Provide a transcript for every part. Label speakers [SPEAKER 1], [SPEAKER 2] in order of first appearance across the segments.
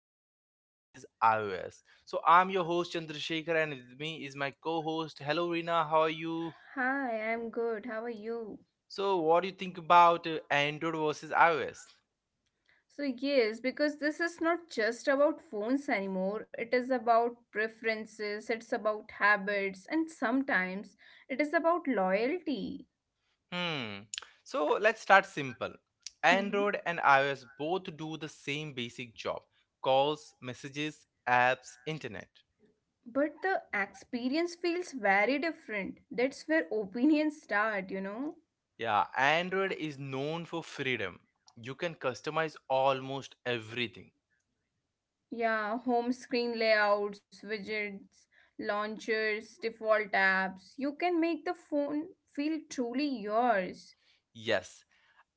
[SPEAKER 1] Android versus iOS. So I'm your host Chandrasekhar, and with me is my co-host. Hello Rina, how are you?
[SPEAKER 2] Hi, I'm good. How are you?
[SPEAKER 1] So what do you think about Android versus iOS?
[SPEAKER 2] So, yes, because this is not just about phones anymore. It is about preferences, it's about habits, and sometimes it is about loyalty.
[SPEAKER 1] Hmm. So let's start simple.
[SPEAKER 2] Mhm.
[SPEAKER 1] Android and iOS both do the same basic job: calls, messages, apps, internet.
[SPEAKER 2] But the experience feels very different. That's where opinions start, you know?
[SPEAKER 1] Yeah, Android is known for freedom. You can customize almost everything.
[SPEAKER 2] Yeah, home screen layouts, widgets, launchers, default apps. You can make the phone feel truly yours.
[SPEAKER 1] Yes,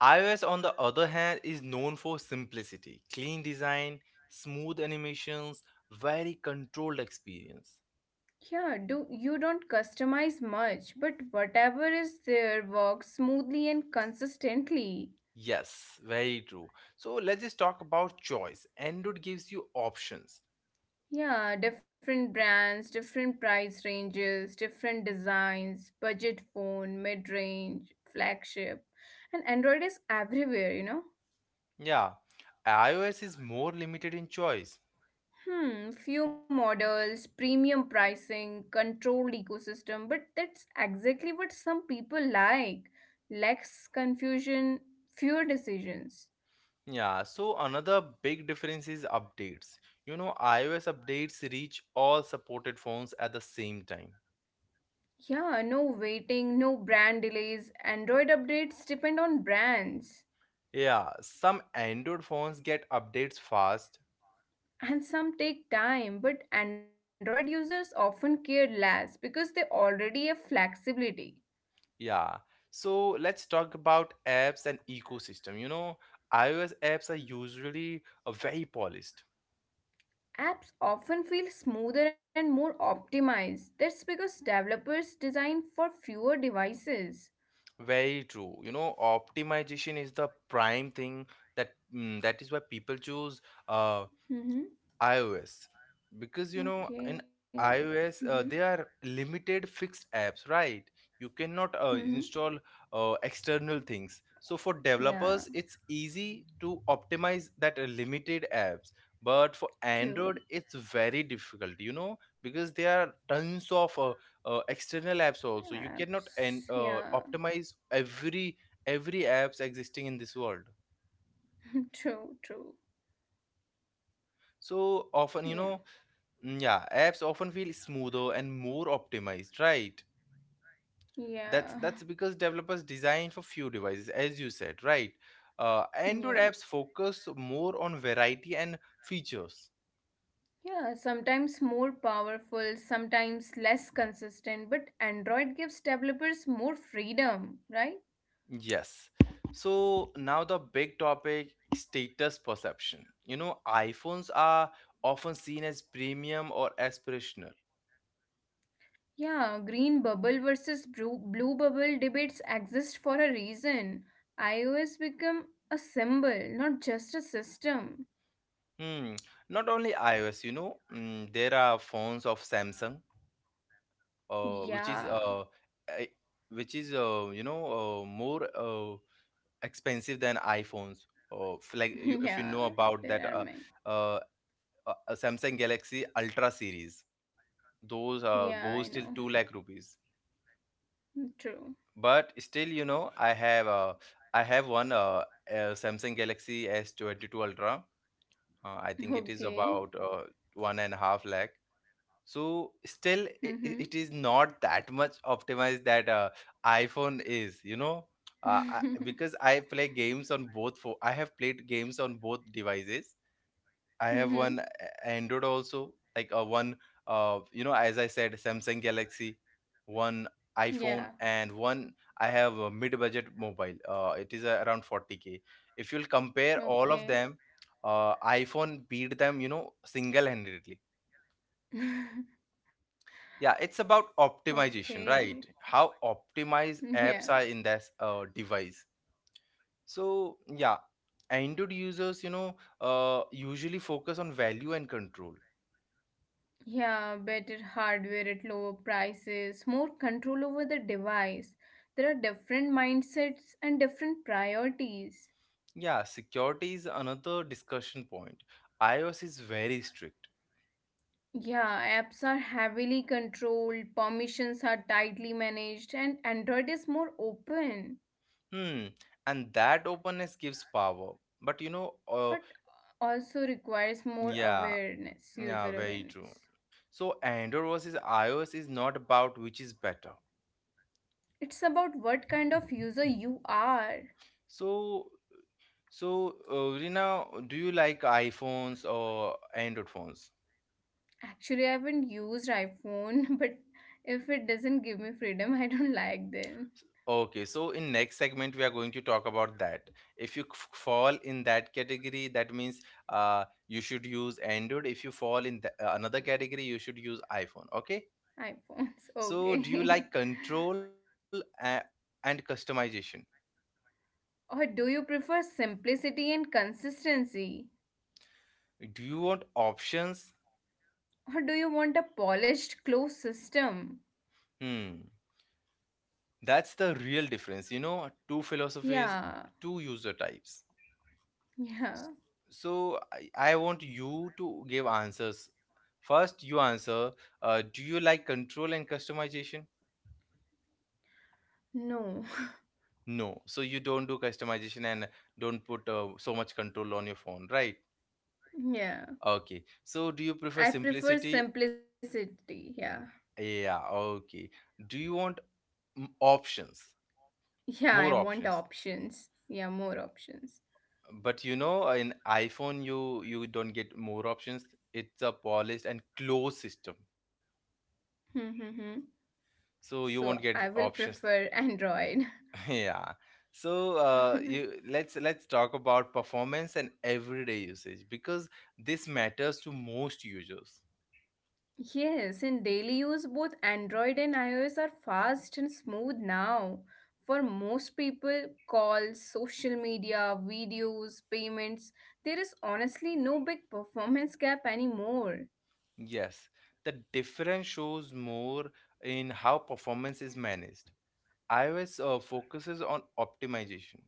[SPEAKER 1] iOS, on the other hand, is known for simplicity, clean design, smooth animations, very controlled experience.
[SPEAKER 2] Yeah, do you don't customize much, but whatever is there works smoothly and consistently.
[SPEAKER 1] Yes, very true. So let's just talk about choice. Android gives you options.
[SPEAKER 2] Yeah, different brands, different price ranges, different designs, budget phone, mid-range, flagship. And Android is everywhere, you know.
[SPEAKER 1] Yeah, iOS is more limited in choice.
[SPEAKER 2] Hmm, few models, premium pricing, controlled ecosystem, but that's exactly what some people like. Less confusion, fewer decisions.
[SPEAKER 1] Yeah, so another big difference is updates. You know, iOS updates reach all supported phones at the same time.
[SPEAKER 2] Yeah, no waiting, no brand delays. Android updates depend on brands.
[SPEAKER 1] Yeah, some Android phones get updates fast.
[SPEAKER 2] And some take time, but Android users often care less because they already have flexibility.
[SPEAKER 1] Yeah, so let's talk about apps and ecosystem. You know, iOS apps are usually very polished.
[SPEAKER 2] Apps often feel smoother and more optimized. That's because developers design for fewer devices.
[SPEAKER 1] Very true. You know, optimization is the prime thing that is why people choose uh,
[SPEAKER 2] Mm-hmm.
[SPEAKER 1] iOS, because you know in
[SPEAKER 2] Okay. Mm-hmm.
[SPEAKER 1] iOS they are limited fixed apps, right? You cannot
[SPEAKER 2] Mm-hmm.
[SPEAKER 1] install external things. So for developers,
[SPEAKER 2] Yeah,
[SPEAKER 1] it's easy to optimize that limited apps. But for Android,
[SPEAKER 2] true.
[SPEAKER 1] it's very difficult, you know, because there are tons of external apps also. You cannot
[SPEAKER 2] Apps.
[SPEAKER 1] and
[SPEAKER 2] Yeah,
[SPEAKER 1] optimize every apps existing in this world.
[SPEAKER 2] true, true.
[SPEAKER 1] So often, you
[SPEAKER 2] Yeah,
[SPEAKER 1] know, yeah, apps often feel smoother and more optimized, right?
[SPEAKER 2] yeah,
[SPEAKER 1] That's because developers design for few devices, as you said, right? Android
[SPEAKER 2] yeah.
[SPEAKER 1] apps focus more on variety and features.
[SPEAKER 2] Yeah, sometimes more powerful, sometimes less consistent, but Android gives developers more freedom, right?
[SPEAKER 1] Yes. So now the big topic: status perception. You know, iPhones are often seen as premium or aspirational.
[SPEAKER 2] Yeah, green bubble versus blue bubble debates exist for a reason. iOS become a symbol, not just a system.
[SPEAKER 1] Hmm. Not only iOS, you know, there are phones of Samsung uh, which is
[SPEAKER 2] Yeah,
[SPEAKER 1] uh, I- which is you know, more expensive than iPhones. Like you, if you
[SPEAKER 2] yeah,
[SPEAKER 1] know about that
[SPEAKER 2] there are many.
[SPEAKER 1] uh, Samsung Galaxy Ultra series, those
[SPEAKER 2] Yeah, I know.
[SPEAKER 1] goes till 2 lakh rupees.
[SPEAKER 2] True.
[SPEAKER 1] But still, you know, I have one Samsung Galaxy S S22 Ultra. I think it is
[SPEAKER 2] Okay.
[SPEAKER 1] about 1.5 lakh, so still
[SPEAKER 2] Mm-hmm.
[SPEAKER 1] it is not that much optimized that iphone is, you know. Because I have played games on both devices. I have
[SPEAKER 2] mm-hmm.
[SPEAKER 1] android also, like a one. You know, as I said, samsung galaxy one,
[SPEAKER 2] Yeah,
[SPEAKER 1] iphone, and one I have a mid-budget mobile, it is around 40k. If you'll compare all of
[SPEAKER 2] okay.
[SPEAKER 1] them, iphone beat them, you know, single-handedly. Yeah, it's about
[SPEAKER 2] Okay.
[SPEAKER 1] optimization, right? How
[SPEAKER 2] Mm,
[SPEAKER 1] optimized
[SPEAKER 2] Yeah.
[SPEAKER 1] apps are in this device. So, yeah, Android users, you know, usually focus on value and control.
[SPEAKER 2] Yeah, better hardware at lower prices, more control over the device. There are different mindsets and different priorities.
[SPEAKER 1] Yeah, security is another discussion point. iOS is very strict.
[SPEAKER 2] Yeah, apps are heavily controlled, permissions are tightly managed, and Android is more open,
[SPEAKER 1] Hmm, and that openness gives power. But you know, uh,
[SPEAKER 2] but also requires more
[SPEAKER 1] yeah,
[SPEAKER 2] awareness, user
[SPEAKER 1] yeah, very true.
[SPEAKER 2] awareness.
[SPEAKER 1] So, Android versus iOS is not about which is better.
[SPEAKER 2] It's about what kind of user you are.
[SPEAKER 1] So, So, Rina, do you like iPhones or Android phones?
[SPEAKER 2] Actually, I haven't used iPhone, but if it doesn't give me freedom, I don't like then
[SPEAKER 1] Okay, so in next segment we are going to talk about that. If you fall in that category, that means you should use Android. If you fall in the, another category, you should use iPhone. Okay.
[SPEAKER 2] iPhones.
[SPEAKER 1] So, do you
[SPEAKER 2] Okay.
[SPEAKER 1] like control and customization?
[SPEAKER 2] Or do you prefer simplicity and consistency?
[SPEAKER 1] Do you want options?
[SPEAKER 2] Or do you want a polished closed system?
[SPEAKER 1] Hmm, that's the real difference. You know, two philosophies,
[SPEAKER 2] Yeah.
[SPEAKER 1] two user types.
[SPEAKER 2] Yeah.
[SPEAKER 1] So I want you to give answers. First you answer: do you like control and customization?
[SPEAKER 2] No.
[SPEAKER 1] No, so you don't do customization and don't put so much control on your phone, right?
[SPEAKER 2] Yeah.
[SPEAKER 1] Okay, so do you prefer
[SPEAKER 2] I prefer
[SPEAKER 1] simplicity?
[SPEAKER 2] simplicity. Yeah.
[SPEAKER 1] Yeah, okay. Do you want options?
[SPEAKER 2] Yeah, I
[SPEAKER 1] More
[SPEAKER 2] want
[SPEAKER 1] options,
[SPEAKER 2] options. Yeah, more options.
[SPEAKER 1] but you know, in iphone you don't get more options. It's a polished and closed system,
[SPEAKER 2] Hmm, hmm, hmm.
[SPEAKER 1] so
[SPEAKER 2] So
[SPEAKER 1] you won't
[SPEAKER 2] I
[SPEAKER 1] get
[SPEAKER 2] will
[SPEAKER 1] options.
[SPEAKER 2] prefer Android.
[SPEAKER 1] Yeah. So you let's talk about performance and everyday usage, because this matters to most users.
[SPEAKER 2] Yes, in daily use, both Android and iOS are fast and smooth now. For most people, calls, social media, videos, payments, there is honestly no big performance gap anymore.
[SPEAKER 1] Yes, the difference shows more in how performance is managed. iOS focuses on optimization.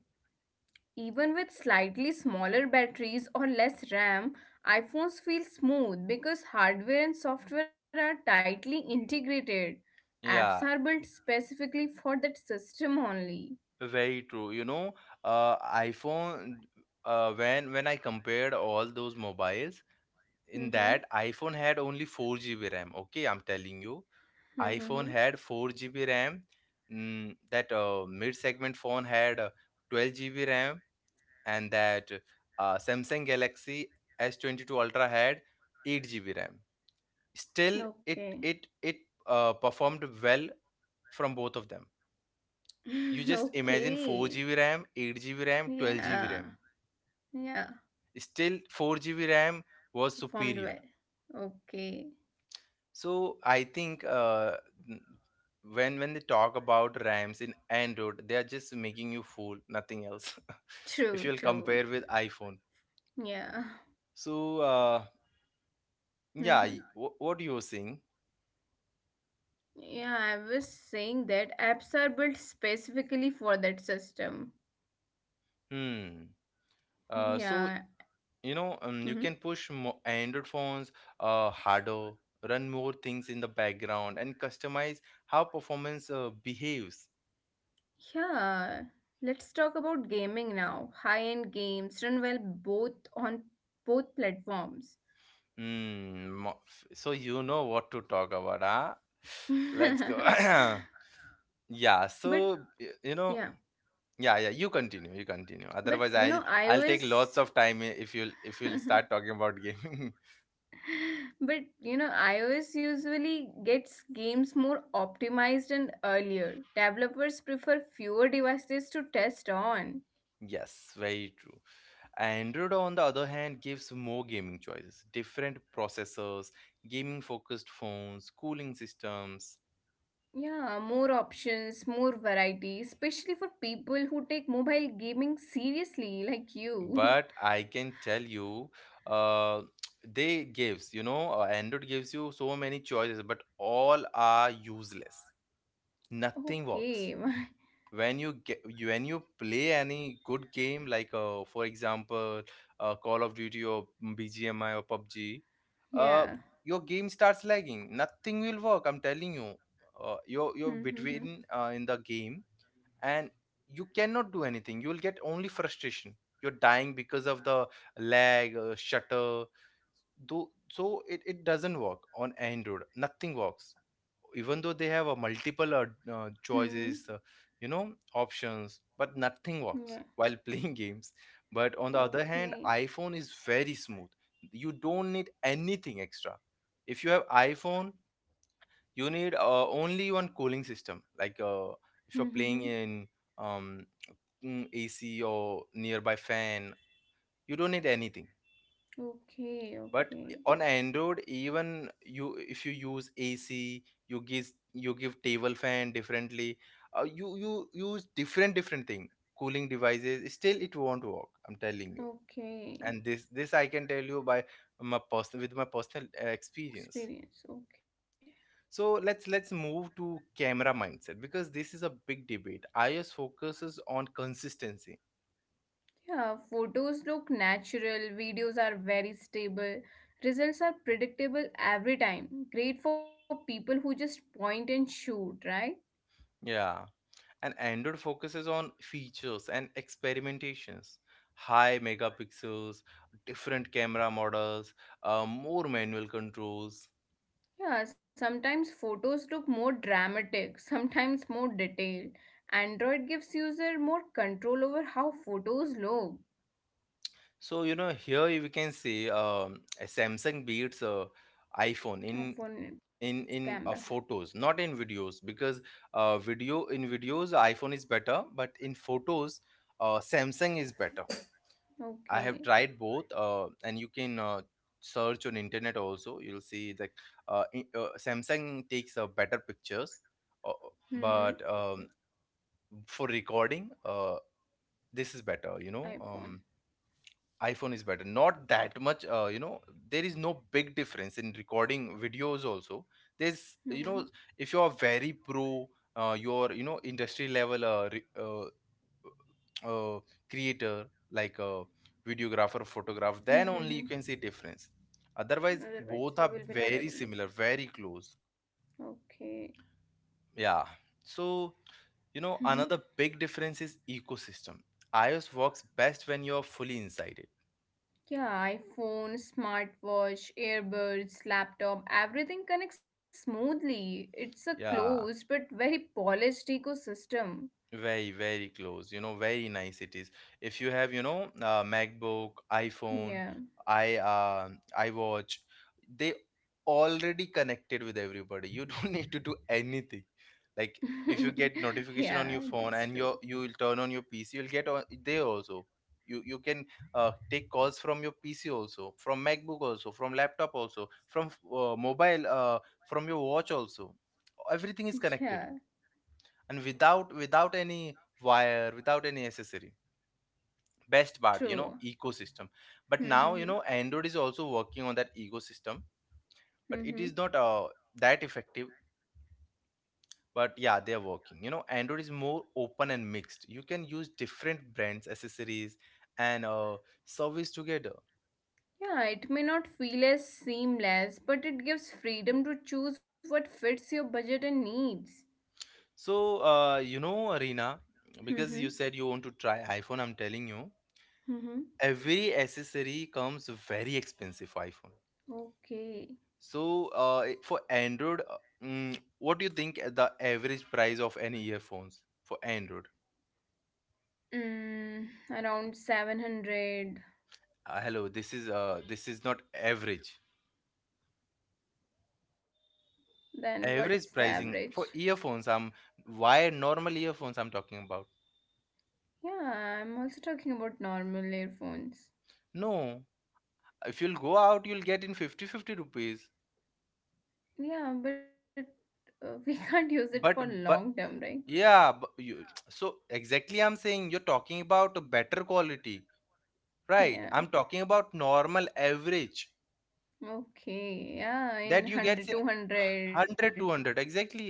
[SPEAKER 2] Even with slightly smaller batteries or less RAM, iPhones feel smooth because hardware and software are tightly integrated. Apps
[SPEAKER 1] Yeah,
[SPEAKER 2] are built specifically for that system only.
[SPEAKER 1] very true. You know, iPhone. When I compared all those mobiles, in
[SPEAKER 2] Mm-hmm.
[SPEAKER 1] that iPhone had only 4 GB RAM. Okay, I'm telling you
[SPEAKER 2] Mm-hmm.
[SPEAKER 1] iPhone had 4 GB RAM. That mid-segment phone had 12 GB RAM, and that Samsung Galaxy S22 Ultra had 8 GB RAM. Still, it
[SPEAKER 2] Okay.
[SPEAKER 1] it it uh, performed well from both of them. You just imagine
[SPEAKER 2] okay.
[SPEAKER 1] 4 GB RAM, 8 GB RAM, 12 GB
[SPEAKER 2] Yeah.
[SPEAKER 1] RAM.
[SPEAKER 2] Yeah.
[SPEAKER 1] Still, 4 GB RAM was superior.
[SPEAKER 2] Performed well. Okay.
[SPEAKER 1] So I think n- when they talk about RAMs in Android, they are just making you fool, nothing else. If you'll
[SPEAKER 2] True,
[SPEAKER 1] compare with
[SPEAKER 2] true.
[SPEAKER 1] iPhone,
[SPEAKER 2] Yeah.
[SPEAKER 1] so uh, yeah,
[SPEAKER 2] Mm-hmm.
[SPEAKER 1] what you were saying?
[SPEAKER 2] Yeah, I was saying that apps are built specifically for that system.
[SPEAKER 1] Hmm. So
[SPEAKER 2] Yeah.
[SPEAKER 1] you know, you
[SPEAKER 2] Mm-hmm.
[SPEAKER 1] can push Android phones harder, run more things in the background, and customize how performance behaves.
[SPEAKER 2] Yeah. Let's talk about gaming now. High-end games run well both on both platforms.
[SPEAKER 1] Hmm. mo- So you know what to talk about, huh?
[SPEAKER 2] but
[SPEAKER 1] Let's go. Yeah, so you know,
[SPEAKER 2] yeah,
[SPEAKER 1] yeah, yeah, you continue.
[SPEAKER 2] but
[SPEAKER 1] Otherwise,
[SPEAKER 2] you
[SPEAKER 1] I'll
[SPEAKER 2] know,
[SPEAKER 1] I'll take
[SPEAKER 2] iOS
[SPEAKER 1] lots of time if you'll start talking about gaming.
[SPEAKER 2] But you know, iOS usually gets games more optimized and earlier. Developers prefer fewer devices to test on.
[SPEAKER 1] Yes, very true. Android, on the other hand, gives more gaming choices, different processors, gaming focused phones, cooling systems.
[SPEAKER 2] Yeah, more options, more variety, especially for people who take mobile gaming seriously, like
[SPEAKER 1] But
[SPEAKER 2] you.
[SPEAKER 1] I can tell you, uh, they gives, you know, Android gives you so many choices, but all are useless. Nothing works
[SPEAKER 2] okay,
[SPEAKER 1] when you get, when you play any good game, like for example, call of duty or bgmi or pubg, uh,
[SPEAKER 2] yeah.
[SPEAKER 1] your game starts lagging, nothing will work, I'm telling you. You're
[SPEAKER 2] Mm-hmm.
[SPEAKER 1] between, in the game, and you cannot do anything, you will get only frustration, you're dying because of the lag, shutter though. So it doesn't work on Android. Nothing works, even though they have a multiple
[SPEAKER 2] Hmm.
[SPEAKER 1] choices, you know, options, but nothing works
[SPEAKER 2] Yeah,
[SPEAKER 1] while playing games. But on the other hand,
[SPEAKER 2] okay.
[SPEAKER 1] iphone is very smooth, you don't need anything extra. If you have iphone, you need only one cooling system, like if you're playing
[SPEAKER 2] Mm-hmm.
[SPEAKER 1] in um, ac or nearby fan, you don't need anything. But
[SPEAKER 2] Okay,
[SPEAKER 1] on
[SPEAKER 2] okay,
[SPEAKER 1] android, even you if you use ac, you give table fan differently, you you use different different thing cooling devices, still it won't work, I'm telling you. And this
[SPEAKER 2] okay.
[SPEAKER 1] this I can tell you by my personal with my personal experience.
[SPEAKER 2] Experience, okay.
[SPEAKER 1] So let's move to camera mindset, because this is a big debate. Ios focuses on consistency.
[SPEAKER 2] Yeah, photos look natural, videos are very stable, results are predictable every time. Great for people who just point and shoot, right?
[SPEAKER 1] Yeah, and android focuses on features and experimentations, high megapixels, different camera models, more manual controls.
[SPEAKER 2] Yeah, sometimes photos look more dramatic, sometimes more detailed. Android gives user more control over how photos look.
[SPEAKER 1] So you know, here we can say, samsung beats iphone in
[SPEAKER 2] iPhone camera.
[SPEAKER 1] photos, not in videos. Because video in videos iphone is better, but in photos samsung is better. I have
[SPEAKER 2] Okay.
[SPEAKER 1] tried both, and you can search on internet also, you'll see that samsung takes better pictures. uh,
[SPEAKER 2] Mm-hmm.
[SPEAKER 1] but um, for recording, this is better, you know,
[SPEAKER 2] iPhone.
[SPEAKER 1] iphone is better. Not that much, you know, there is no big difference in recording videos also. There's,
[SPEAKER 2] Mm-hmm.
[SPEAKER 1] you know, if you're very pro, your, you know, industry level uh, creator, like a videographer, photographer, then
[SPEAKER 2] Mm-hmm.
[SPEAKER 1] only you
[SPEAKER 2] Mm-hmm.
[SPEAKER 1] can see difference. Otherwise
[SPEAKER 2] Otherwise,
[SPEAKER 1] both
[SPEAKER 2] you
[SPEAKER 1] are
[SPEAKER 2] will be not
[SPEAKER 1] very
[SPEAKER 2] able to see.
[SPEAKER 1] similar, very close.
[SPEAKER 2] Okay.
[SPEAKER 1] Yeah, so you know, another big difference is ecosystem. Ios works best when you're fully inside it.
[SPEAKER 2] Yeah, iPhone, smartwatch, earbuds, laptop, everything connects smoothly. It's a closed
[SPEAKER 1] Yeah,
[SPEAKER 2] but very polished ecosystem.
[SPEAKER 1] very, very close. You know, very nice it is. If you have, you know, MacBook, iPhone,
[SPEAKER 2] Yeah.
[SPEAKER 1] I iWatch, they already connected with everybody. You don't need to do anything. Like if you get
[SPEAKER 2] yeah,
[SPEAKER 1] notification on
[SPEAKER 2] that's
[SPEAKER 1] your
[SPEAKER 2] true.
[SPEAKER 1] phone and you will turn on your PC, you'll get on there also. You can take calls from your PC also, from MacBook also, from laptop also, from mobile, from your watch also. Everything is
[SPEAKER 2] Yeah,
[SPEAKER 1] connected, and without any wire, without any accessory. Best part, you
[SPEAKER 2] true.
[SPEAKER 1] know, ecosystem. But now you
[SPEAKER 2] Mm-hmm.
[SPEAKER 1] know, android is also working on that ecosystem, but it is
[SPEAKER 2] Mm-hmm.
[SPEAKER 1] not that effective. But yeah, they are working. You know, android is more open and mixed, you can use different brands accessories and service together.
[SPEAKER 2] Yeah, it may not feel as seamless, but it gives freedom to choose what fits your budget and needs.
[SPEAKER 1] So you know, arena, because
[SPEAKER 2] Mm-hmm.
[SPEAKER 1] you said you want to try iphone, I'm telling you,
[SPEAKER 2] Mm-hmm.
[SPEAKER 1] every accessory comes very expensive for iphone.
[SPEAKER 2] Okay.
[SPEAKER 1] So, for Android, what do you think the average price of any earphones for Android?
[SPEAKER 2] Mm, around 700.
[SPEAKER 1] Hello, this is not average.
[SPEAKER 2] Then what's
[SPEAKER 1] Average
[SPEAKER 2] the
[SPEAKER 1] pricing
[SPEAKER 2] average?
[SPEAKER 1] for earphones. I'm why normal earphones I'm talking about.
[SPEAKER 2] Yeah, I'm also talking about normal earphones.
[SPEAKER 1] No, if you'll go out, you'll get in 50 50 rupees.
[SPEAKER 2] Yeah, but we can't use it
[SPEAKER 1] But
[SPEAKER 2] for
[SPEAKER 1] but
[SPEAKER 2] long term, right?
[SPEAKER 1] yeah, but you so exactly I'm saying you're talking about a better quality, right?
[SPEAKER 2] Yeah.
[SPEAKER 1] I'm talking about normal average
[SPEAKER 2] Okay. Yeah, in
[SPEAKER 1] that
[SPEAKER 2] one
[SPEAKER 1] you get
[SPEAKER 2] hundred,
[SPEAKER 1] in
[SPEAKER 2] 200.
[SPEAKER 1] 100 two hundred, exactly.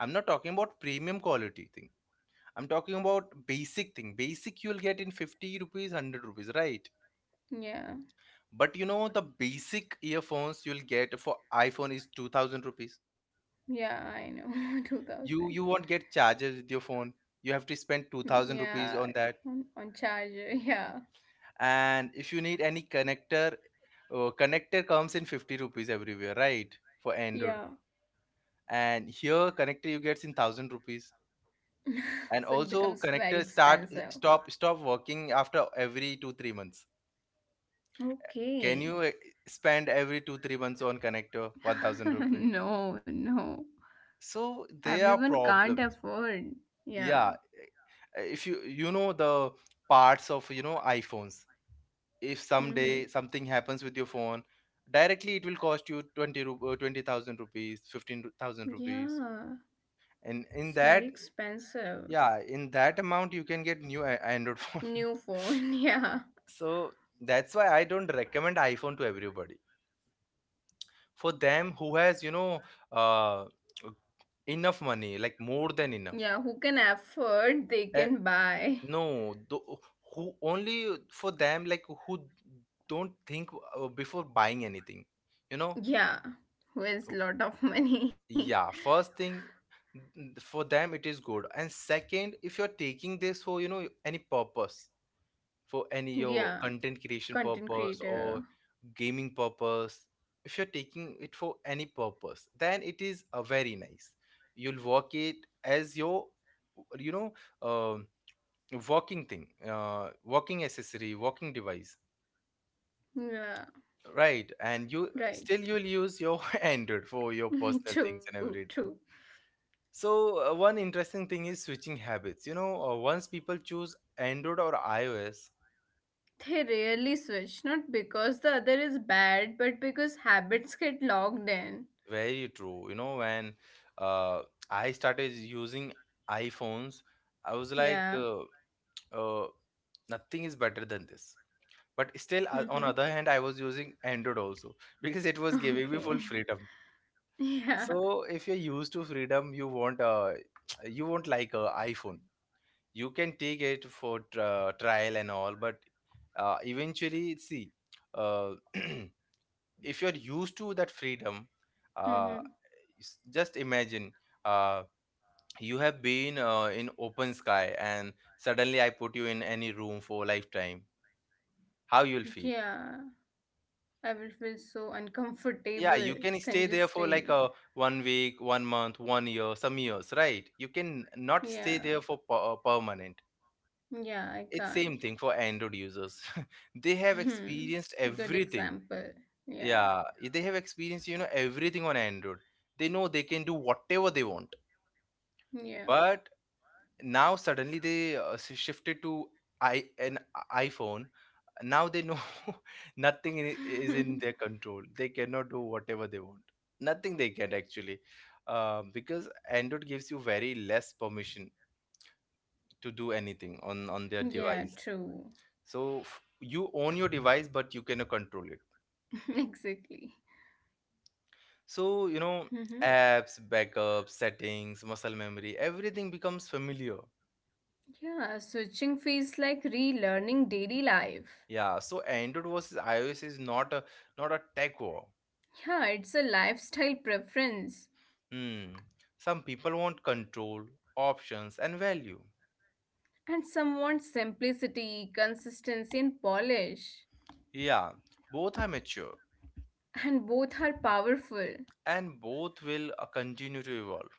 [SPEAKER 1] I'm not talking about premium quality thing, I'm talking about basic thing. Basic, you'll get in 50 rupees, 100 rupees, right?
[SPEAKER 2] Yeah.
[SPEAKER 1] But you know, the basic earphones you'll get for iPhone is 2000 rupees.
[SPEAKER 2] Yeah, I know. 2000.
[SPEAKER 1] You won't get chargers with your phone, you have to spend
[SPEAKER 2] Mm,
[SPEAKER 1] 2000 rupees
[SPEAKER 2] Yeah.
[SPEAKER 1] on that.
[SPEAKER 2] On charger. Yeah.
[SPEAKER 1] And if you need any connector, connector comes in 50 rupees everywhere, right? For Android.
[SPEAKER 2] Yeah.
[SPEAKER 1] And here connector you get in 1000 rupees. And
[SPEAKER 2] so it
[SPEAKER 1] also,
[SPEAKER 2] becomes very
[SPEAKER 1] connectors start
[SPEAKER 2] expensive.
[SPEAKER 1] stop working after every 2 3 months. Can
[SPEAKER 2] Okay.
[SPEAKER 1] you spend every 2 3 months on connector 1000 rupee?
[SPEAKER 2] no, no.
[SPEAKER 1] So there are
[SPEAKER 2] Everyone can't
[SPEAKER 1] problems.
[SPEAKER 2] afford. Yeah.
[SPEAKER 1] Yeah, if you know the parts of, iPhones, if someday
[SPEAKER 2] Mm-hmm.
[SPEAKER 1] something happens with your phone, directly it will cost you 20 20,000 rupees, 15,000 rupees.
[SPEAKER 2] Yeah.
[SPEAKER 1] And
[SPEAKER 2] It's
[SPEAKER 1] in
[SPEAKER 2] very
[SPEAKER 1] that,
[SPEAKER 2] expensive.
[SPEAKER 1] yeah, in that amount you can get new Android phone.
[SPEAKER 2] New phone, yeah.
[SPEAKER 1] So that's why I don't recommend iPhone to everybody. For them who has, you know, uh, enough money, like more than enough.
[SPEAKER 2] Yeah, who can afford, they
[SPEAKER 1] Uh,
[SPEAKER 2] can buy.
[SPEAKER 1] no, who only for them, like who don't think, before buying anything, you know?
[SPEAKER 2] Yeah, who has
[SPEAKER 1] Oh,
[SPEAKER 2] lot of money.
[SPEAKER 1] yeah, first thing, for them it is good, and second, if you're taking this for, you know, any purpose, for any your
[SPEAKER 2] yeah,
[SPEAKER 1] content creation
[SPEAKER 2] content
[SPEAKER 1] purpose
[SPEAKER 2] creator.
[SPEAKER 1] or gaming purpose, if you're taking it for any purpose, then it is a very nice. You'll work it as your, you know, um walking thing, walking accessory, walking device,
[SPEAKER 2] Yeah,
[SPEAKER 1] right? And
[SPEAKER 2] right.
[SPEAKER 1] you'll use your Android for your personal things and
[SPEAKER 2] true, true.
[SPEAKER 1] everything. So, one interesting thing is switching habits. You know, once people choose Android or iOS.
[SPEAKER 2] They rarely switch, not because the other is bad, but because habits get logged in.
[SPEAKER 1] Very true. You know, when, uh, I started using iPhones, I was like,
[SPEAKER 2] Yeah.
[SPEAKER 1] uh, nothing is better than this. But still,
[SPEAKER 2] Mm-hmm.
[SPEAKER 1] on other hand, I was using Android also because it was giving me
[SPEAKER 2] Okay.
[SPEAKER 1] full freedom.
[SPEAKER 2] Yeah.
[SPEAKER 1] So if you're used to freedom, you won't you won't like a iPhone. You can take it for tr trial and all, but, eventually, see, uh, if you're used to that freedom, uh,
[SPEAKER 2] Mm-hmm.
[SPEAKER 1] just imagine, uh, you have been, in open sky and suddenly I put you in any room for lifetime. How you'll feel?
[SPEAKER 2] Yeah. I will feel so
[SPEAKER 1] Yeah, you
[SPEAKER 2] uncomfortable,
[SPEAKER 1] can stay there for like
[SPEAKER 2] congested.
[SPEAKER 1] a one week, one month, one year, some years, right? You can not
[SPEAKER 2] Yeah.
[SPEAKER 1] stay there for permanent.
[SPEAKER 2] Yeah, I
[SPEAKER 1] It's
[SPEAKER 2] can't.
[SPEAKER 1] same thing for Android users they have
[SPEAKER 2] Hmm.
[SPEAKER 1] experienced
[SPEAKER 2] Good
[SPEAKER 1] everything.
[SPEAKER 2] example. Yeah.
[SPEAKER 1] Yeah, they have experienced, everything on Android. They know they can do whatever they want.
[SPEAKER 2] Yeah.
[SPEAKER 1] But now suddenly they, shifted to I an iPhone. Now they know, nothing is in their control. They cannot do whatever they want. Nothing they can actually, because Android gives you very less permission to do anything on their
[SPEAKER 2] yeah,
[SPEAKER 1] device.
[SPEAKER 2] true.
[SPEAKER 1] So you own your device but you cannot control it.
[SPEAKER 2] exactly.
[SPEAKER 1] So,
[SPEAKER 2] Mm-hmm.
[SPEAKER 1] apps, backups, settings, muscle memory, everything becomes familiar.
[SPEAKER 2] Yeah, switching feels like relearning daily life.
[SPEAKER 1] Yeah, so Android versus iOS is not a tech war.
[SPEAKER 2] Yeah, it's a lifestyle preference.
[SPEAKER 1] Hmm. Some people want control, options, and value.
[SPEAKER 2] And some want simplicity, consistency, and polish.
[SPEAKER 1] Yeah, both are mature
[SPEAKER 2] And both are powerful,
[SPEAKER 1] and both will, continue to evolve.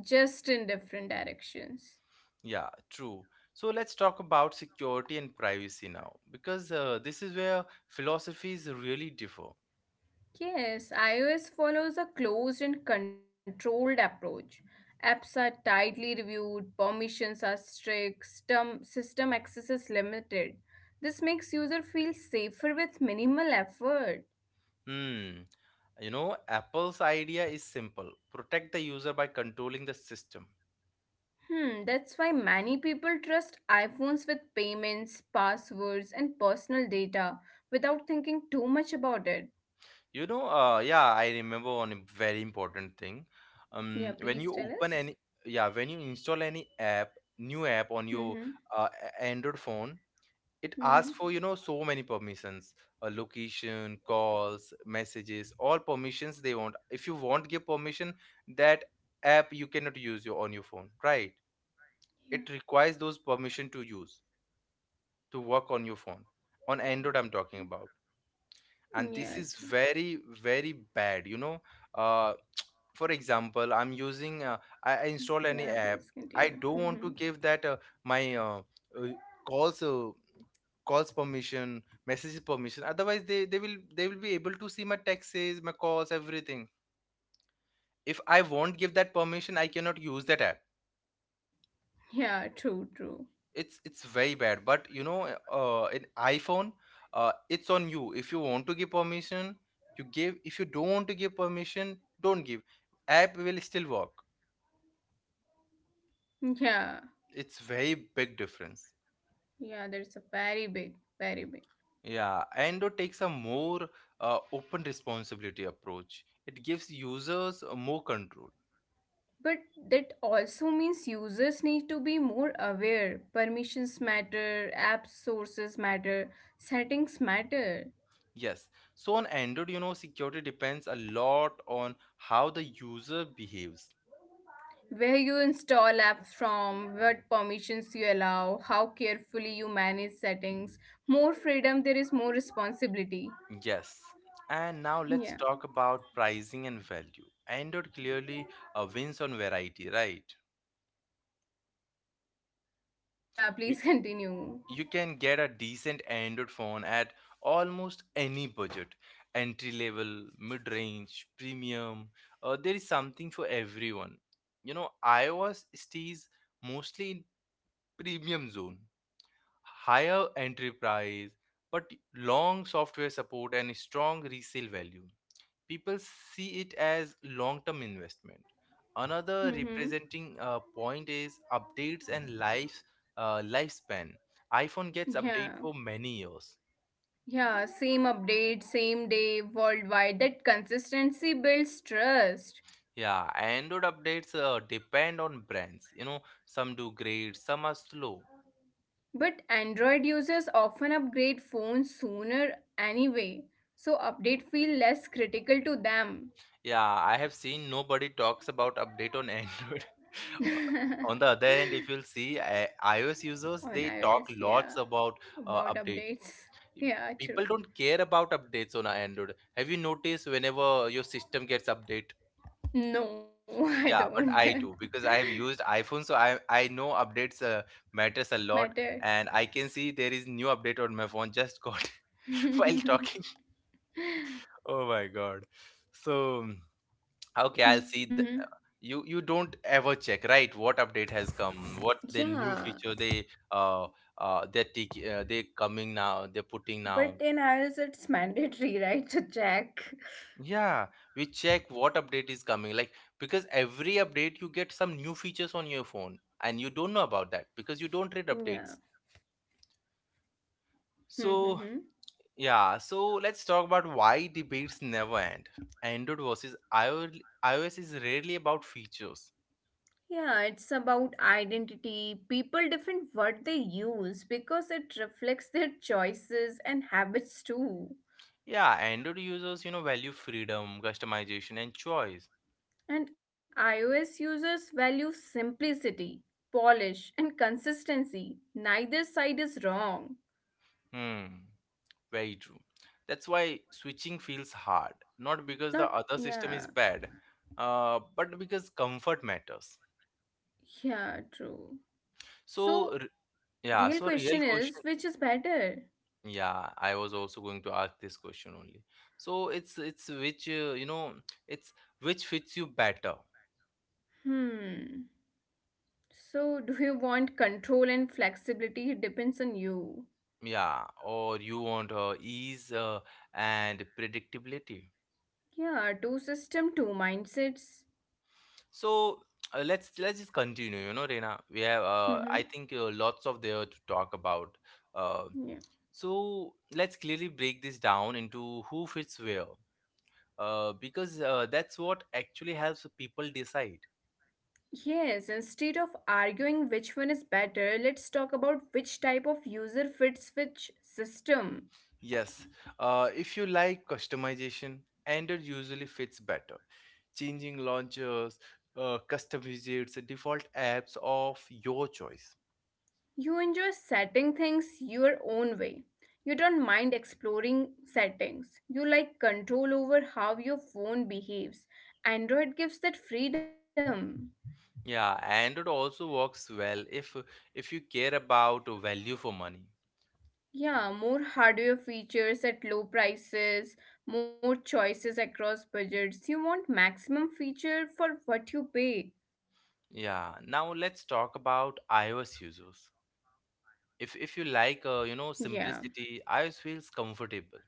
[SPEAKER 2] just in different directions.
[SPEAKER 1] Yeah, true. So let's talk about security and privacy now, because, this is where philosophies really differ.
[SPEAKER 2] Yes, iOS follows a closed and controlled approach. Apps are tightly reviewed, permissions are strict, system access is limited. This makes user feel safer with minimal effort.
[SPEAKER 1] Hmm. You know, Apple's idea is simple: protect the user by controlling the system.
[SPEAKER 2] Hmm, that's why many people trust iPhones with payments, passwords, and personal data without thinking too much about it.
[SPEAKER 1] You know, yeah, I remember one very important thing.
[SPEAKER 2] Yeah,
[SPEAKER 1] When
[SPEAKER 2] please
[SPEAKER 1] you
[SPEAKER 2] tell
[SPEAKER 1] open
[SPEAKER 2] us.
[SPEAKER 1] any, yeah, when you install any app, new app on your,
[SPEAKER 2] Mm-hmm.
[SPEAKER 1] Android phone, it
[SPEAKER 2] Mm-hmm.
[SPEAKER 1] asks for, so many permissions, location, calls, messages, all permissions they want. If you won't give permission, that app you cannot use your on your phone, right?
[SPEAKER 2] Yeah.
[SPEAKER 1] It requires those permission to work on your phone. On Android, I'm talking about. And
[SPEAKER 2] Yeah.
[SPEAKER 1] this is
[SPEAKER 2] True.
[SPEAKER 1] very, very bad, you know, uh, for example, I'm using, I
[SPEAKER 2] Yeah.
[SPEAKER 1] install any
[SPEAKER 2] Please
[SPEAKER 1] app.
[SPEAKER 2] continue.
[SPEAKER 1] I don't
[SPEAKER 2] Mm-hmm.
[SPEAKER 1] want to give that, my, uh, calls uh, calls permission, messages permission, otherwise they will be able to see my texts, my calls, everything. If I won't give that permission, I cannot use that app.
[SPEAKER 2] Yeah, true, true.
[SPEAKER 1] It's very bad, but, in iPhone, it's on you. If you want to give permission, you give. If you don't want to give permission, don't give. App will still work.
[SPEAKER 2] Yeah,
[SPEAKER 1] It's very big difference.
[SPEAKER 2] yeah, that's a very big, very big.
[SPEAKER 1] Yeah, ando takes a more, open responsibility approach. It gives users, more control.
[SPEAKER 2] But that also means users need to be more aware. Permissions matter, app sources matter, settings matter.
[SPEAKER 1] Yes, so on Android, security depends a lot on how the user behaves.
[SPEAKER 2] Where you install apps from, what permissions you allow, how carefully you manage settings. More freedom, there is more responsibility.
[SPEAKER 1] Yes. And now let's
[SPEAKER 2] Yeah.
[SPEAKER 1] talk about pricing and value. Android clearly, wins on variety, right?
[SPEAKER 2] Yeah,
[SPEAKER 1] You,
[SPEAKER 2] please continue.
[SPEAKER 1] you can get a decent Android phone at almost any budget: entry level, mid range, premium. There is something for everyone. You know, iOS stays mostly in premium zone, higher entry price, but long software support and strong resale value. People see it as long-term investment. Another
[SPEAKER 2] Mm-hmm.
[SPEAKER 1] representing, point is updates and lifespan. iPhone gets update
[SPEAKER 2] Yeah.
[SPEAKER 1] for many years.
[SPEAKER 2] Yeah, same update, same day, worldwide. That consistency builds trust.
[SPEAKER 1] Yeah, Android updates, depend on brands, some do great, some are slow.
[SPEAKER 2] But Android users often upgrade phones sooner anyway, so update feel less critical to them.
[SPEAKER 1] Yeah, I have seen nobody talks about update on Android on the other hand, if you'll see, iOS users,
[SPEAKER 2] On
[SPEAKER 1] they talk
[SPEAKER 2] iOS,
[SPEAKER 1] lots
[SPEAKER 2] yeah.
[SPEAKER 1] about,
[SPEAKER 2] About
[SPEAKER 1] update.
[SPEAKER 2] updates. Yeah,
[SPEAKER 1] People
[SPEAKER 2] true.
[SPEAKER 1] don't care about updates on Android. Have you noticed whenever your system gets update?
[SPEAKER 2] No, I
[SPEAKER 1] Yeah, but
[SPEAKER 2] don't.
[SPEAKER 1] I do, because I have used iPhone, so I know updates, matters a lot.
[SPEAKER 2] Matter.
[SPEAKER 1] And I can see there is new update on my phone, just got while talking. Oh my god. So, okay, I'll see
[SPEAKER 2] Mhm.
[SPEAKER 1] you don't ever check, right? What update has come, what the new
[SPEAKER 2] Yeah,
[SPEAKER 1] feature they're taking, they coming now, they're putting
[SPEAKER 2] but
[SPEAKER 1] now.
[SPEAKER 2] in iOS it's mandatory, right? To check.
[SPEAKER 1] Yeah, we check what update is coming. Like, because every update you get some new features on your phone and you don't know about that because you don't read
[SPEAKER 2] Yeah.
[SPEAKER 1] updates. So, yeah, so let's talk about why debates never end. Android versus iOS is rarely about features.
[SPEAKER 2] Yeah, it's about identity. People define what they use because it reflects their choices and habits too.
[SPEAKER 1] Yeah, Android users, value freedom, customization, and choice.
[SPEAKER 2] And iOS users value simplicity, polish, and consistency. Neither side is wrong.
[SPEAKER 1] Hmm, very true. That's why switching feels hard, not because the
[SPEAKER 2] Not,
[SPEAKER 1] other system is
[SPEAKER 2] yeah,
[SPEAKER 1] bad, but because comfort matters.
[SPEAKER 2] yeah, true.
[SPEAKER 1] So,
[SPEAKER 2] So,
[SPEAKER 1] yeah, so
[SPEAKER 2] real
[SPEAKER 1] real
[SPEAKER 2] question
[SPEAKER 1] question.
[SPEAKER 2] is which is better?
[SPEAKER 1] Yeah, I was also going to ask this question only. So it's which fits you better.
[SPEAKER 2] Hmm. So, do you want control and flexibility? It depends on you.
[SPEAKER 1] Yeah, or you want, ease, and predictability.
[SPEAKER 2] Yeah, two system, two mindsets.
[SPEAKER 1] So, let's just continue. You know, Reena, we have,
[SPEAKER 2] Mm-hmm.
[SPEAKER 1] I think, lots of there to talk about. Uh,
[SPEAKER 2] Yeah.
[SPEAKER 1] so let's clearly break this down into who fits where. Because, that's what actually helps people decide.
[SPEAKER 2] Yes, instead of arguing which one is better, let's talk about which type of user fits which system.
[SPEAKER 1] Yes, if you like customization, Android usually fits better. Changing launchers, custom widgets, default apps of your choice.
[SPEAKER 2] You enjoy setting things your own way. You don't mind exploring settings. You like control over how your phone behaves. Android gives that freedom.
[SPEAKER 1] Yeah, Android also works well if you care about value for money.
[SPEAKER 2] Yeah, more hardware features at low prices, more choices across budgets. You want maximum feature for what you pay.
[SPEAKER 1] Yeah, now let's talk about iOS users. If you like,
[SPEAKER 2] Yeah.
[SPEAKER 1] simplicity, iOS feels comfortable.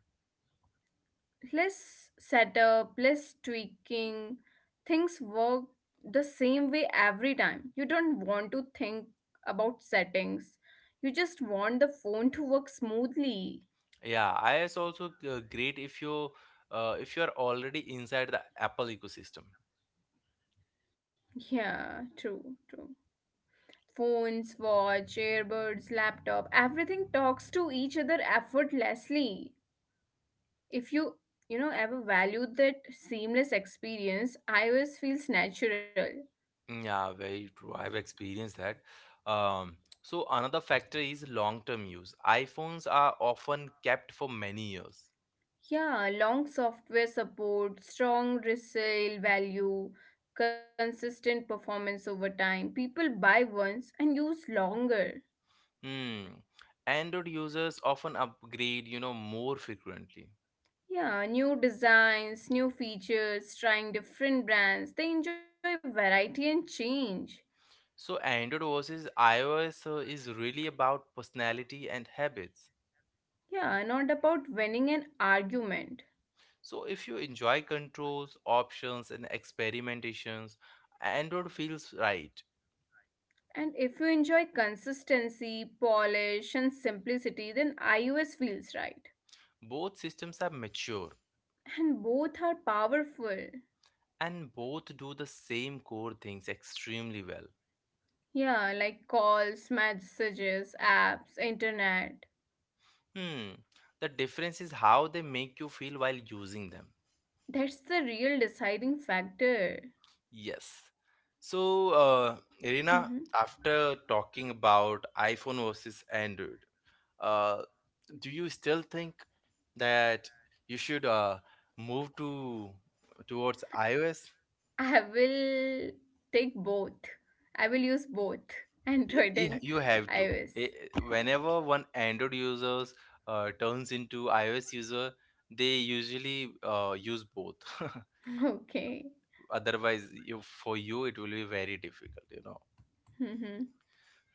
[SPEAKER 2] Less setup, less tweaking. Things work the same way every time. You don't want to think about settings. You just want the phone to work smoothly.
[SPEAKER 1] Yeah, iOS also, great if you, if you are already inside the Apple ecosystem.
[SPEAKER 2] Yeah, true, true. Phones, watch, earbuds, laptop, everything talks to each other effortlessly. If you, you know, ever valued that seamless experience, iOS feels natural.
[SPEAKER 1] Yeah, very true. I've experienced that. Um, so another factor is long-term use. iPhones are often kept for many years.
[SPEAKER 2] Yeah, long software support, strong resale value, consistent performance over time. People buy once and use longer.
[SPEAKER 1] Hmm. Android users often upgrade, more frequently.
[SPEAKER 2] Yeah, new designs, new features, trying different brands. They enjoy variety and change.
[SPEAKER 1] So Android versus iOS, is really about personality and habits.
[SPEAKER 2] Yeah, not about winning an argument.
[SPEAKER 1] So if you enjoy controls, options, and experimentations, Android feels right.
[SPEAKER 2] And if you enjoy consistency, polish, and simplicity, then iOS feels right.
[SPEAKER 1] Both systems are mature
[SPEAKER 2] And both are powerful.
[SPEAKER 1] and both do the same core things extremely well.
[SPEAKER 2] Yeah, like calls, messages, apps, internet.
[SPEAKER 1] Hmm. The difference is how they make you feel while using them.
[SPEAKER 2] That's the real deciding factor.
[SPEAKER 1] Yes. So,
[SPEAKER 2] Mhm.
[SPEAKER 1] Irina, after talking about iPhone versus Android, uh, do you still think that you should, move to towards iOS?
[SPEAKER 2] I will take both. I will use both
[SPEAKER 1] Yeah,
[SPEAKER 2] Android
[SPEAKER 1] yeah,
[SPEAKER 2] and
[SPEAKER 1] you have to.
[SPEAKER 2] iOS.
[SPEAKER 1] I- Whenever one Android users, turns into iOS user, they usually, use both.
[SPEAKER 2] Okay.
[SPEAKER 1] Otherwise, you for you it will be very difficult.
[SPEAKER 2] Mhm.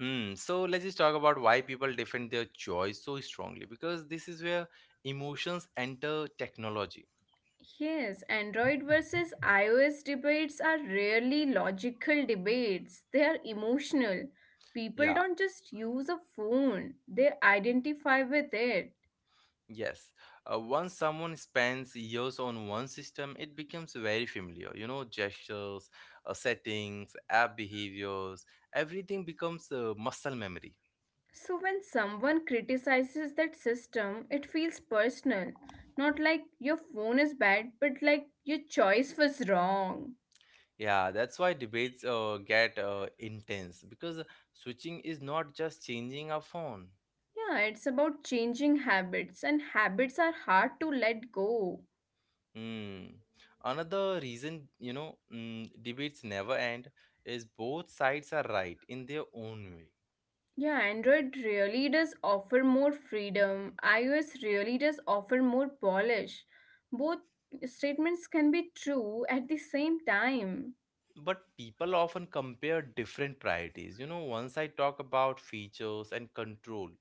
[SPEAKER 1] Hmm. So let's just talk about why people defend their choice so strongly, because this is where emotions enter technology.
[SPEAKER 2] Yes, Android versus iOS debates are rarely logical debates, they are emotional. People
[SPEAKER 1] Yeah.
[SPEAKER 2] don't just use a phone, they identify with it.
[SPEAKER 1] Yes, once someone spends years on one system, it becomes very familiar. Gestures, settings, app behaviors, everything becomes, muscle memory.
[SPEAKER 2] So, when someone criticizes that system, it feels personal. Not like your phone is bad, but like your choice was wrong.
[SPEAKER 1] Yeah, that's why debates, get, intense, because switching is not just changing a phone.
[SPEAKER 2] Yeah, it's about changing habits, and habits are hard to let go.
[SPEAKER 1] Hmm. Another reason, debates never end is both sides are right in their own way.
[SPEAKER 2] Yeah, Android really does offer more freedom, iOS really does offer more polish. Both statements can be true at the same time.
[SPEAKER 1] But people often compare different priorities. You know, one side talk about features and control.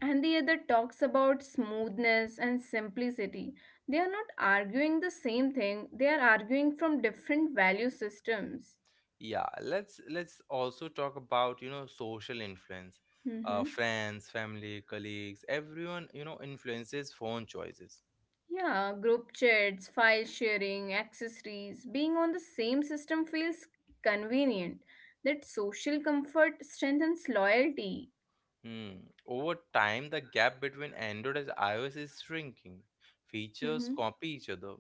[SPEAKER 2] And the other talks about smoothness and simplicity. They are not arguing the same thing, they are arguing from different value systems.
[SPEAKER 1] Yeah, let's also talk about, social influence.
[SPEAKER 2] Hmm.
[SPEAKER 1] Friends, family, colleagues, everyone, influences phone choices.
[SPEAKER 2] Yeah, group chats, file sharing, accessories, being on the same system feels convenient. That social comfort strengthens loyalty.
[SPEAKER 1] Hmm. Over time, the gap between Android and iOS is shrinking. Features
[SPEAKER 2] Hmm.
[SPEAKER 1] copy each other.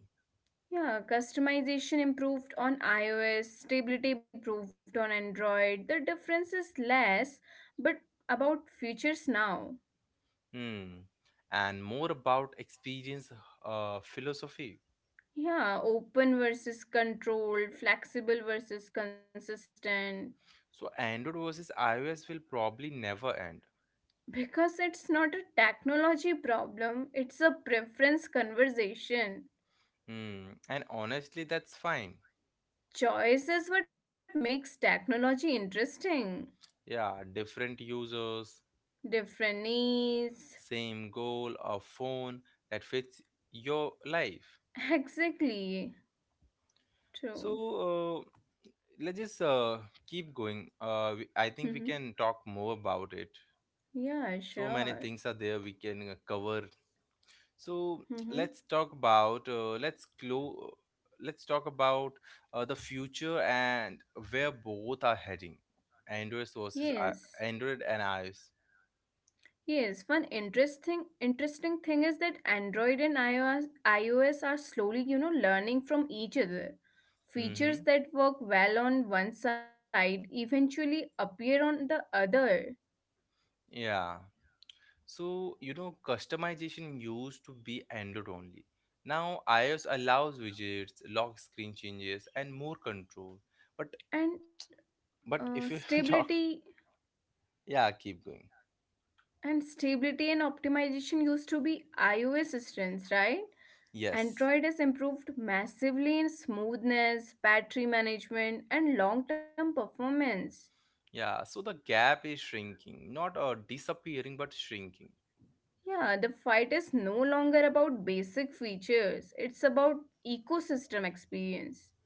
[SPEAKER 2] Yeah, customization improved on iOS, stability improved on Android. The difference is less, but about features now.
[SPEAKER 1] Hmm. And more about experience, philosophy.
[SPEAKER 2] Yeah, open versus controlled, flexible versus consistent.
[SPEAKER 1] So Android versus iOS will probably never end.
[SPEAKER 2] Because it's not a technology problem, it's a preference conversation.
[SPEAKER 1] Hmm. And honestly, that's fine.
[SPEAKER 2] Choice is what makes technology interesting.
[SPEAKER 1] Yeah, different users,
[SPEAKER 2] Different needs.
[SPEAKER 1] same goal, a phone that fits your life.
[SPEAKER 2] Exactly. True.
[SPEAKER 1] So, uh, let's just keep going. I
[SPEAKER 2] Mm-hmm.
[SPEAKER 1] think we can talk more about it.
[SPEAKER 2] Yeah,
[SPEAKER 1] So
[SPEAKER 2] sure.
[SPEAKER 1] many things are there we can cover. So,
[SPEAKER 2] Mm-hmm.
[SPEAKER 1] let's talk about uh, let's clo- let's talk about the future and where both are heading. Android versus I-
[SPEAKER 2] Yes.
[SPEAKER 1] Android and iOS.
[SPEAKER 2] Yes, one interesting thing is that Android and iOS are slowly, you know, learning from each other. Features
[SPEAKER 1] Mm-hmm.
[SPEAKER 2] that work well on one side eventually appear on the other.
[SPEAKER 1] Yeah. So, customization used to be Android only. Now iOS allows widgets, lock screen changes, and more control. But
[SPEAKER 2] And
[SPEAKER 1] but
[SPEAKER 2] uh,
[SPEAKER 1] if you talk,
[SPEAKER 2] stability
[SPEAKER 1] yeah, keep going.
[SPEAKER 2] stability and optimization used to be iOS strengths, right?
[SPEAKER 1] Yes.
[SPEAKER 2] Android has improved massively in smoothness, battery management, and long-term performance.
[SPEAKER 1] Yeah. So the gap is shrinking, not disappearing, but shrinking.
[SPEAKER 2] Yeah, the fight is no longer about basic features, it's about ecosystem experience.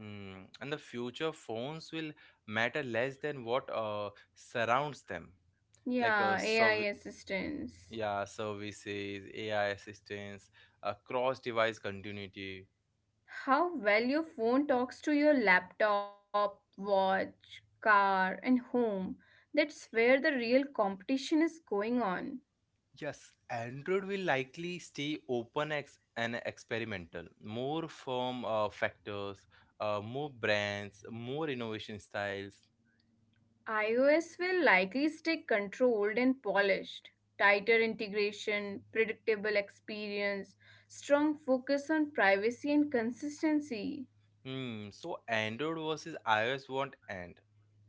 [SPEAKER 1] And the future phones will matter less than what surrounds them, like
[SPEAKER 2] Yeah, AI assistance.
[SPEAKER 1] yeah, services, AI assistance, cross-device continuity.
[SPEAKER 2] How well your phone talks to your laptop, watch, car, and home. That's where the real competition is going on.
[SPEAKER 1] Yes, Android will likely stay open and experimental. More firm factors, more brands, more innovation styles.
[SPEAKER 2] iOS will likely stay controlled and polished. Tighter integration, predictable experience, strong focus on privacy and consistency.
[SPEAKER 1] Hmm. So Android versus iOS won't end.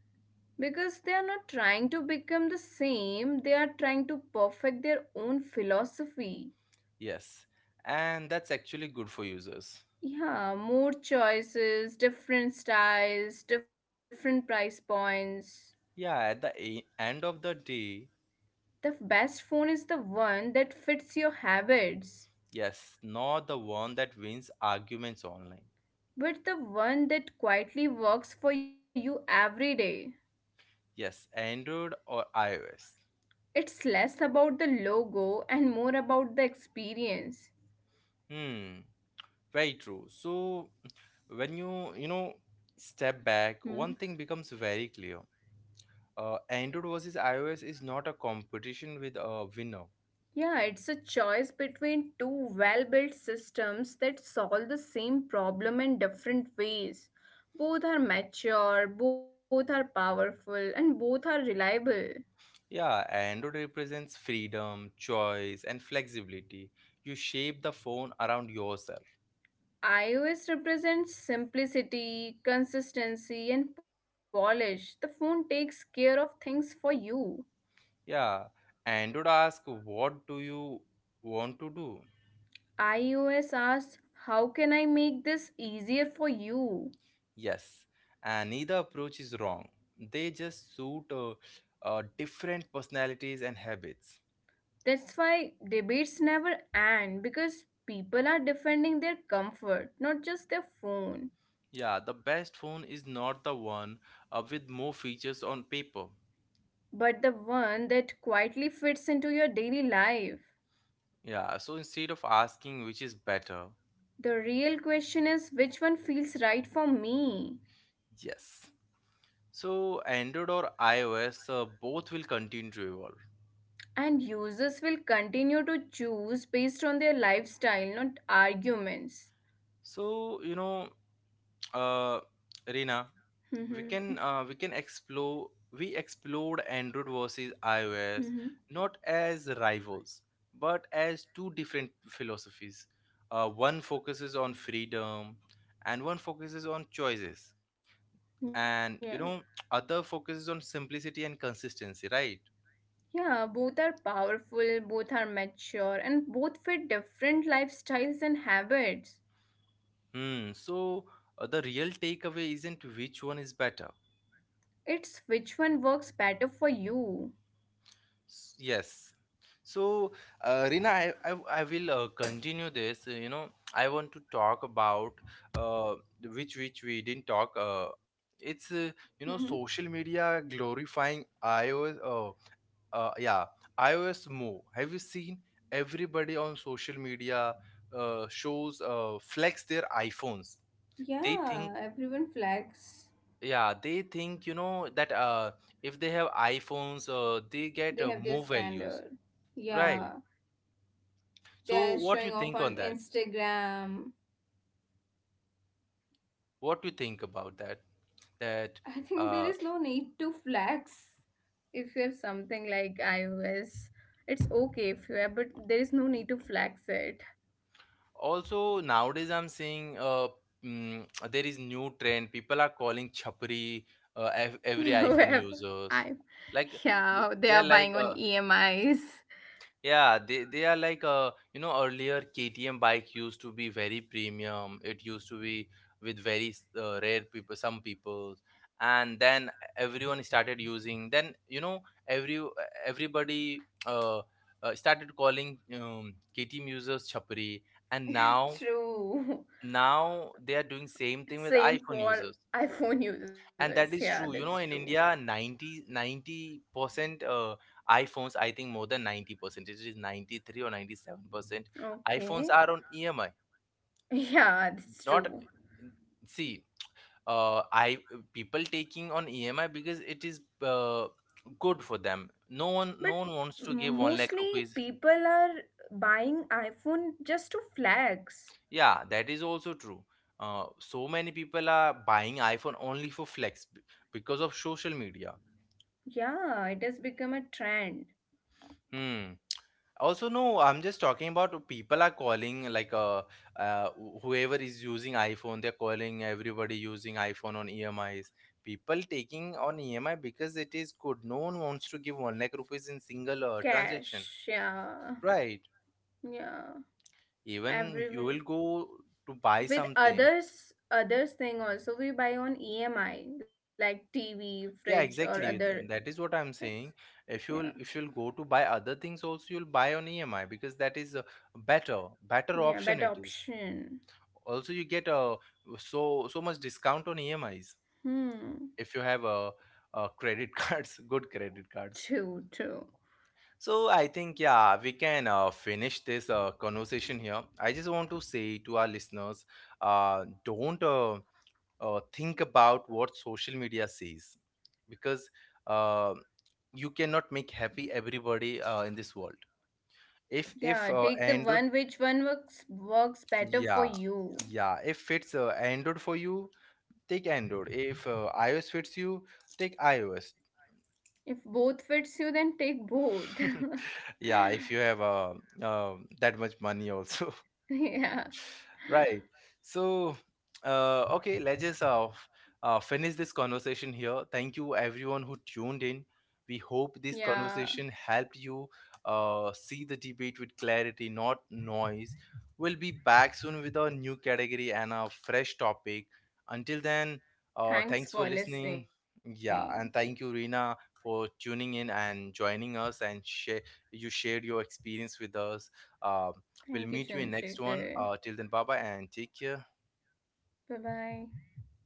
[SPEAKER 2] Because they are not trying to become the same, they are trying to perfect their own philosophy.
[SPEAKER 1] Yes, and that's actually good for users.
[SPEAKER 2] Yeah, more choices, different styles, different price points.
[SPEAKER 1] Yeah, at the end of the day,
[SPEAKER 2] The best phone is the one that fits your habits,
[SPEAKER 1] yes, not the one that wins arguments online.
[SPEAKER 2] but the one that quietly works for you every day.
[SPEAKER 1] Yes, Android or iOS.
[SPEAKER 2] It's less about the logo and more about the experience.
[SPEAKER 1] Hmm, very true. So when you know step back, one thing becomes very clear. Android versus iOS is not a competition with a winner.
[SPEAKER 2] Yeah, it's a choice between two well built systems that solve the same problem in different ways. Both are mature, both are powerful, and both are reliable.
[SPEAKER 1] Yeah, Android represents freedom, choice, and flexibility. You shape the phone around yourself.
[SPEAKER 2] iOS represents simplicity, consistency, and polish. The phone takes care of things for you.
[SPEAKER 1] Yeah, Android asks, "What do you want to do?"
[SPEAKER 2] iOS asks, how can I make this easier for you?
[SPEAKER 1] Yes, and neither approach is wrong. They just suit different personalities and habits.
[SPEAKER 2] That's why debates never end because people are defending their comfort, not just their phone,
[SPEAKER 1] Yeah, the best phone is not the one with more features on paper.
[SPEAKER 2] but the one that quietly fits into your daily life.
[SPEAKER 1] Yeah, so instead of asking which is better,
[SPEAKER 2] The real question is which one feels right for me?
[SPEAKER 1] yes. So Android or iOS, both will continue to evolve.
[SPEAKER 2] And users will continue to choose based on their lifestyle, not arguments.
[SPEAKER 1] So, uh Rina,
[SPEAKER 2] Hmm.
[SPEAKER 1] we explored Android versus iOS
[SPEAKER 2] Hmm.
[SPEAKER 1] not as rivals, but as two different philosophies. One focuses on freedom, and one focuses on choices,
[SPEAKER 2] Yeah.
[SPEAKER 1] and other focuses on simplicity and consistency, right?
[SPEAKER 2] Yeah, both are powerful, both are mature, and both fit different lifestyles and habits.
[SPEAKER 1] Hmm. So the real takeaway isn't which one is better.
[SPEAKER 2] It's which one works better for you.
[SPEAKER 1] Yes. So, Rina, I will continue this. You know, I want to talk about uh, which we didn't talk. It's
[SPEAKER 2] Hmm.
[SPEAKER 1] social media glorifying iOS. Yeah, iOS more. Have you seen everybody on social media shows flex their iPhones? They think
[SPEAKER 2] Yeah, everyone flags.
[SPEAKER 1] yeah, they think that if they have iPhones, they
[SPEAKER 2] They have
[SPEAKER 1] get
[SPEAKER 2] their
[SPEAKER 1] more
[SPEAKER 2] standard.
[SPEAKER 1] values,
[SPEAKER 2] Yeah,
[SPEAKER 1] right?
[SPEAKER 2] they
[SPEAKER 1] So,
[SPEAKER 2] are
[SPEAKER 1] what
[SPEAKER 2] showing
[SPEAKER 1] you
[SPEAKER 2] off
[SPEAKER 1] think on
[SPEAKER 2] on
[SPEAKER 1] that?
[SPEAKER 2] Instagram.
[SPEAKER 1] What you think about that? That
[SPEAKER 2] I think there
[SPEAKER 1] uh,
[SPEAKER 2] is no need to flex. If you have something like iOS, it's okay if you have, but there is no need to flex it.
[SPEAKER 1] Also, nowadays I'm seeing mm, there is new trend. People are calling chapri every iPhone
[SPEAKER 2] However,
[SPEAKER 1] users.
[SPEAKER 2] I,
[SPEAKER 1] Like
[SPEAKER 2] yeah,
[SPEAKER 1] they
[SPEAKER 2] they
[SPEAKER 1] are
[SPEAKER 2] are
[SPEAKER 1] like
[SPEAKER 2] buying on EMIs.
[SPEAKER 1] Yeah, they are like earlier, KTM bike used to be very premium. It used to be with very rare people, some people, and then everyone started using. Then every uh, everybody started calling KTM users chapri, and now
[SPEAKER 2] True.
[SPEAKER 1] now they are doing same thing with
[SPEAKER 2] Same
[SPEAKER 1] iPhone
[SPEAKER 2] for
[SPEAKER 1] users.
[SPEAKER 2] iPhone users.
[SPEAKER 1] And that
[SPEAKER 2] Yeah,
[SPEAKER 1] is
[SPEAKER 2] that's
[SPEAKER 1] true,
[SPEAKER 2] true.
[SPEAKER 1] in india, 90 90 percent iphones, I think more than 90%, it is 93 or 97% iphones
[SPEAKER 2] Okay.
[SPEAKER 1] are on emi,
[SPEAKER 2] Yeah, that's
[SPEAKER 1] not,
[SPEAKER 2] true.
[SPEAKER 1] see, I, people taking on EMI because it is good for them. No one,
[SPEAKER 2] But
[SPEAKER 1] no one wants to give one lakh
[SPEAKER 2] mostly
[SPEAKER 1] rupees.
[SPEAKER 2] people are buying iPhone just to flex.
[SPEAKER 1] Yeah, that is also true. So many people are buying iPhone only for flex because of social media.
[SPEAKER 2] Yeah, it has become a trend.
[SPEAKER 1] Hmm. Also, no, I'm just talking about people are calling like whoever is using iPhone, they're calling everybody using iPhone on EMIs. People taking on EMI because it is good. No one wants to give one lakh rupees in single
[SPEAKER 2] Cash,
[SPEAKER 1] transaction,
[SPEAKER 2] yeah.
[SPEAKER 1] right?
[SPEAKER 2] Yeah.
[SPEAKER 1] Even you will
[SPEAKER 2] Everyone
[SPEAKER 1] go to buy
[SPEAKER 2] with
[SPEAKER 1] something.
[SPEAKER 2] others thing also we buy on EMI like TV,
[SPEAKER 1] Yeah,
[SPEAKER 2] fridge or
[SPEAKER 1] exactly. Th-
[SPEAKER 2] other
[SPEAKER 1] That is what I'm
[SPEAKER 2] things.
[SPEAKER 1] saying. If you'll
[SPEAKER 2] Yeah.
[SPEAKER 1] if you'll go to buy other things also, you'll buy on EMI because that is a better better option. It
[SPEAKER 2] Yeah,
[SPEAKER 1] is.
[SPEAKER 2] better option.
[SPEAKER 1] Also, you get a so much discount on emis if you
[SPEAKER 2] Hmm.
[SPEAKER 1] have a credit cards, good credit cards.
[SPEAKER 2] True, true.
[SPEAKER 1] So I think, yeah, we can finish this conversation here. I just want to say to our listeners, don't think about what social media says, because uh, you cannot make happy everybody in this world. If
[SPEAKER 2] Yeah, take the
[SPEAKER 1] android,
[SPEAKER 2] one which one works better for
[SPEAKER 1] yeah,
[SPEAKER 2] you.
[SPEAKER 1] yeah, if it's android for you, take Android. If iOS fits you, take iOS.
[SPEAKER 2] If both fits you, then take both.
[SPEAKER 1] yeah, if you have uh, that much money also.
[SPEAKER 2] Yeah,
[SPEAKER 1] Right. So, okay, let's just finish this conversation here. Thank you, everyone who tuned in. We hope this
[SPEAKER 2] yeah.
[SPEAKER 1] conversation helped you see the debate with clarity, not noise. We'll be back soon with a new category and a fresh topic. Until then, thanks for
[SPEAKER 2] Thanks for
[SPEAKER 1] listening.
[SPEAKER 2] listening.
[SPEAKER 1] Yeah, and thank you, Rina, for tuning in and joining us and share. You shared your experience with us. Uh, We'll
[SPEAKER 2] Thank you,
[SPEAKER 1] meet you in next one.
[SPEAKER 2] Chandrasekhar.
[SPEAKER 1] Till then, bye bye and take care.
[SPEAKER 2] Bye bye.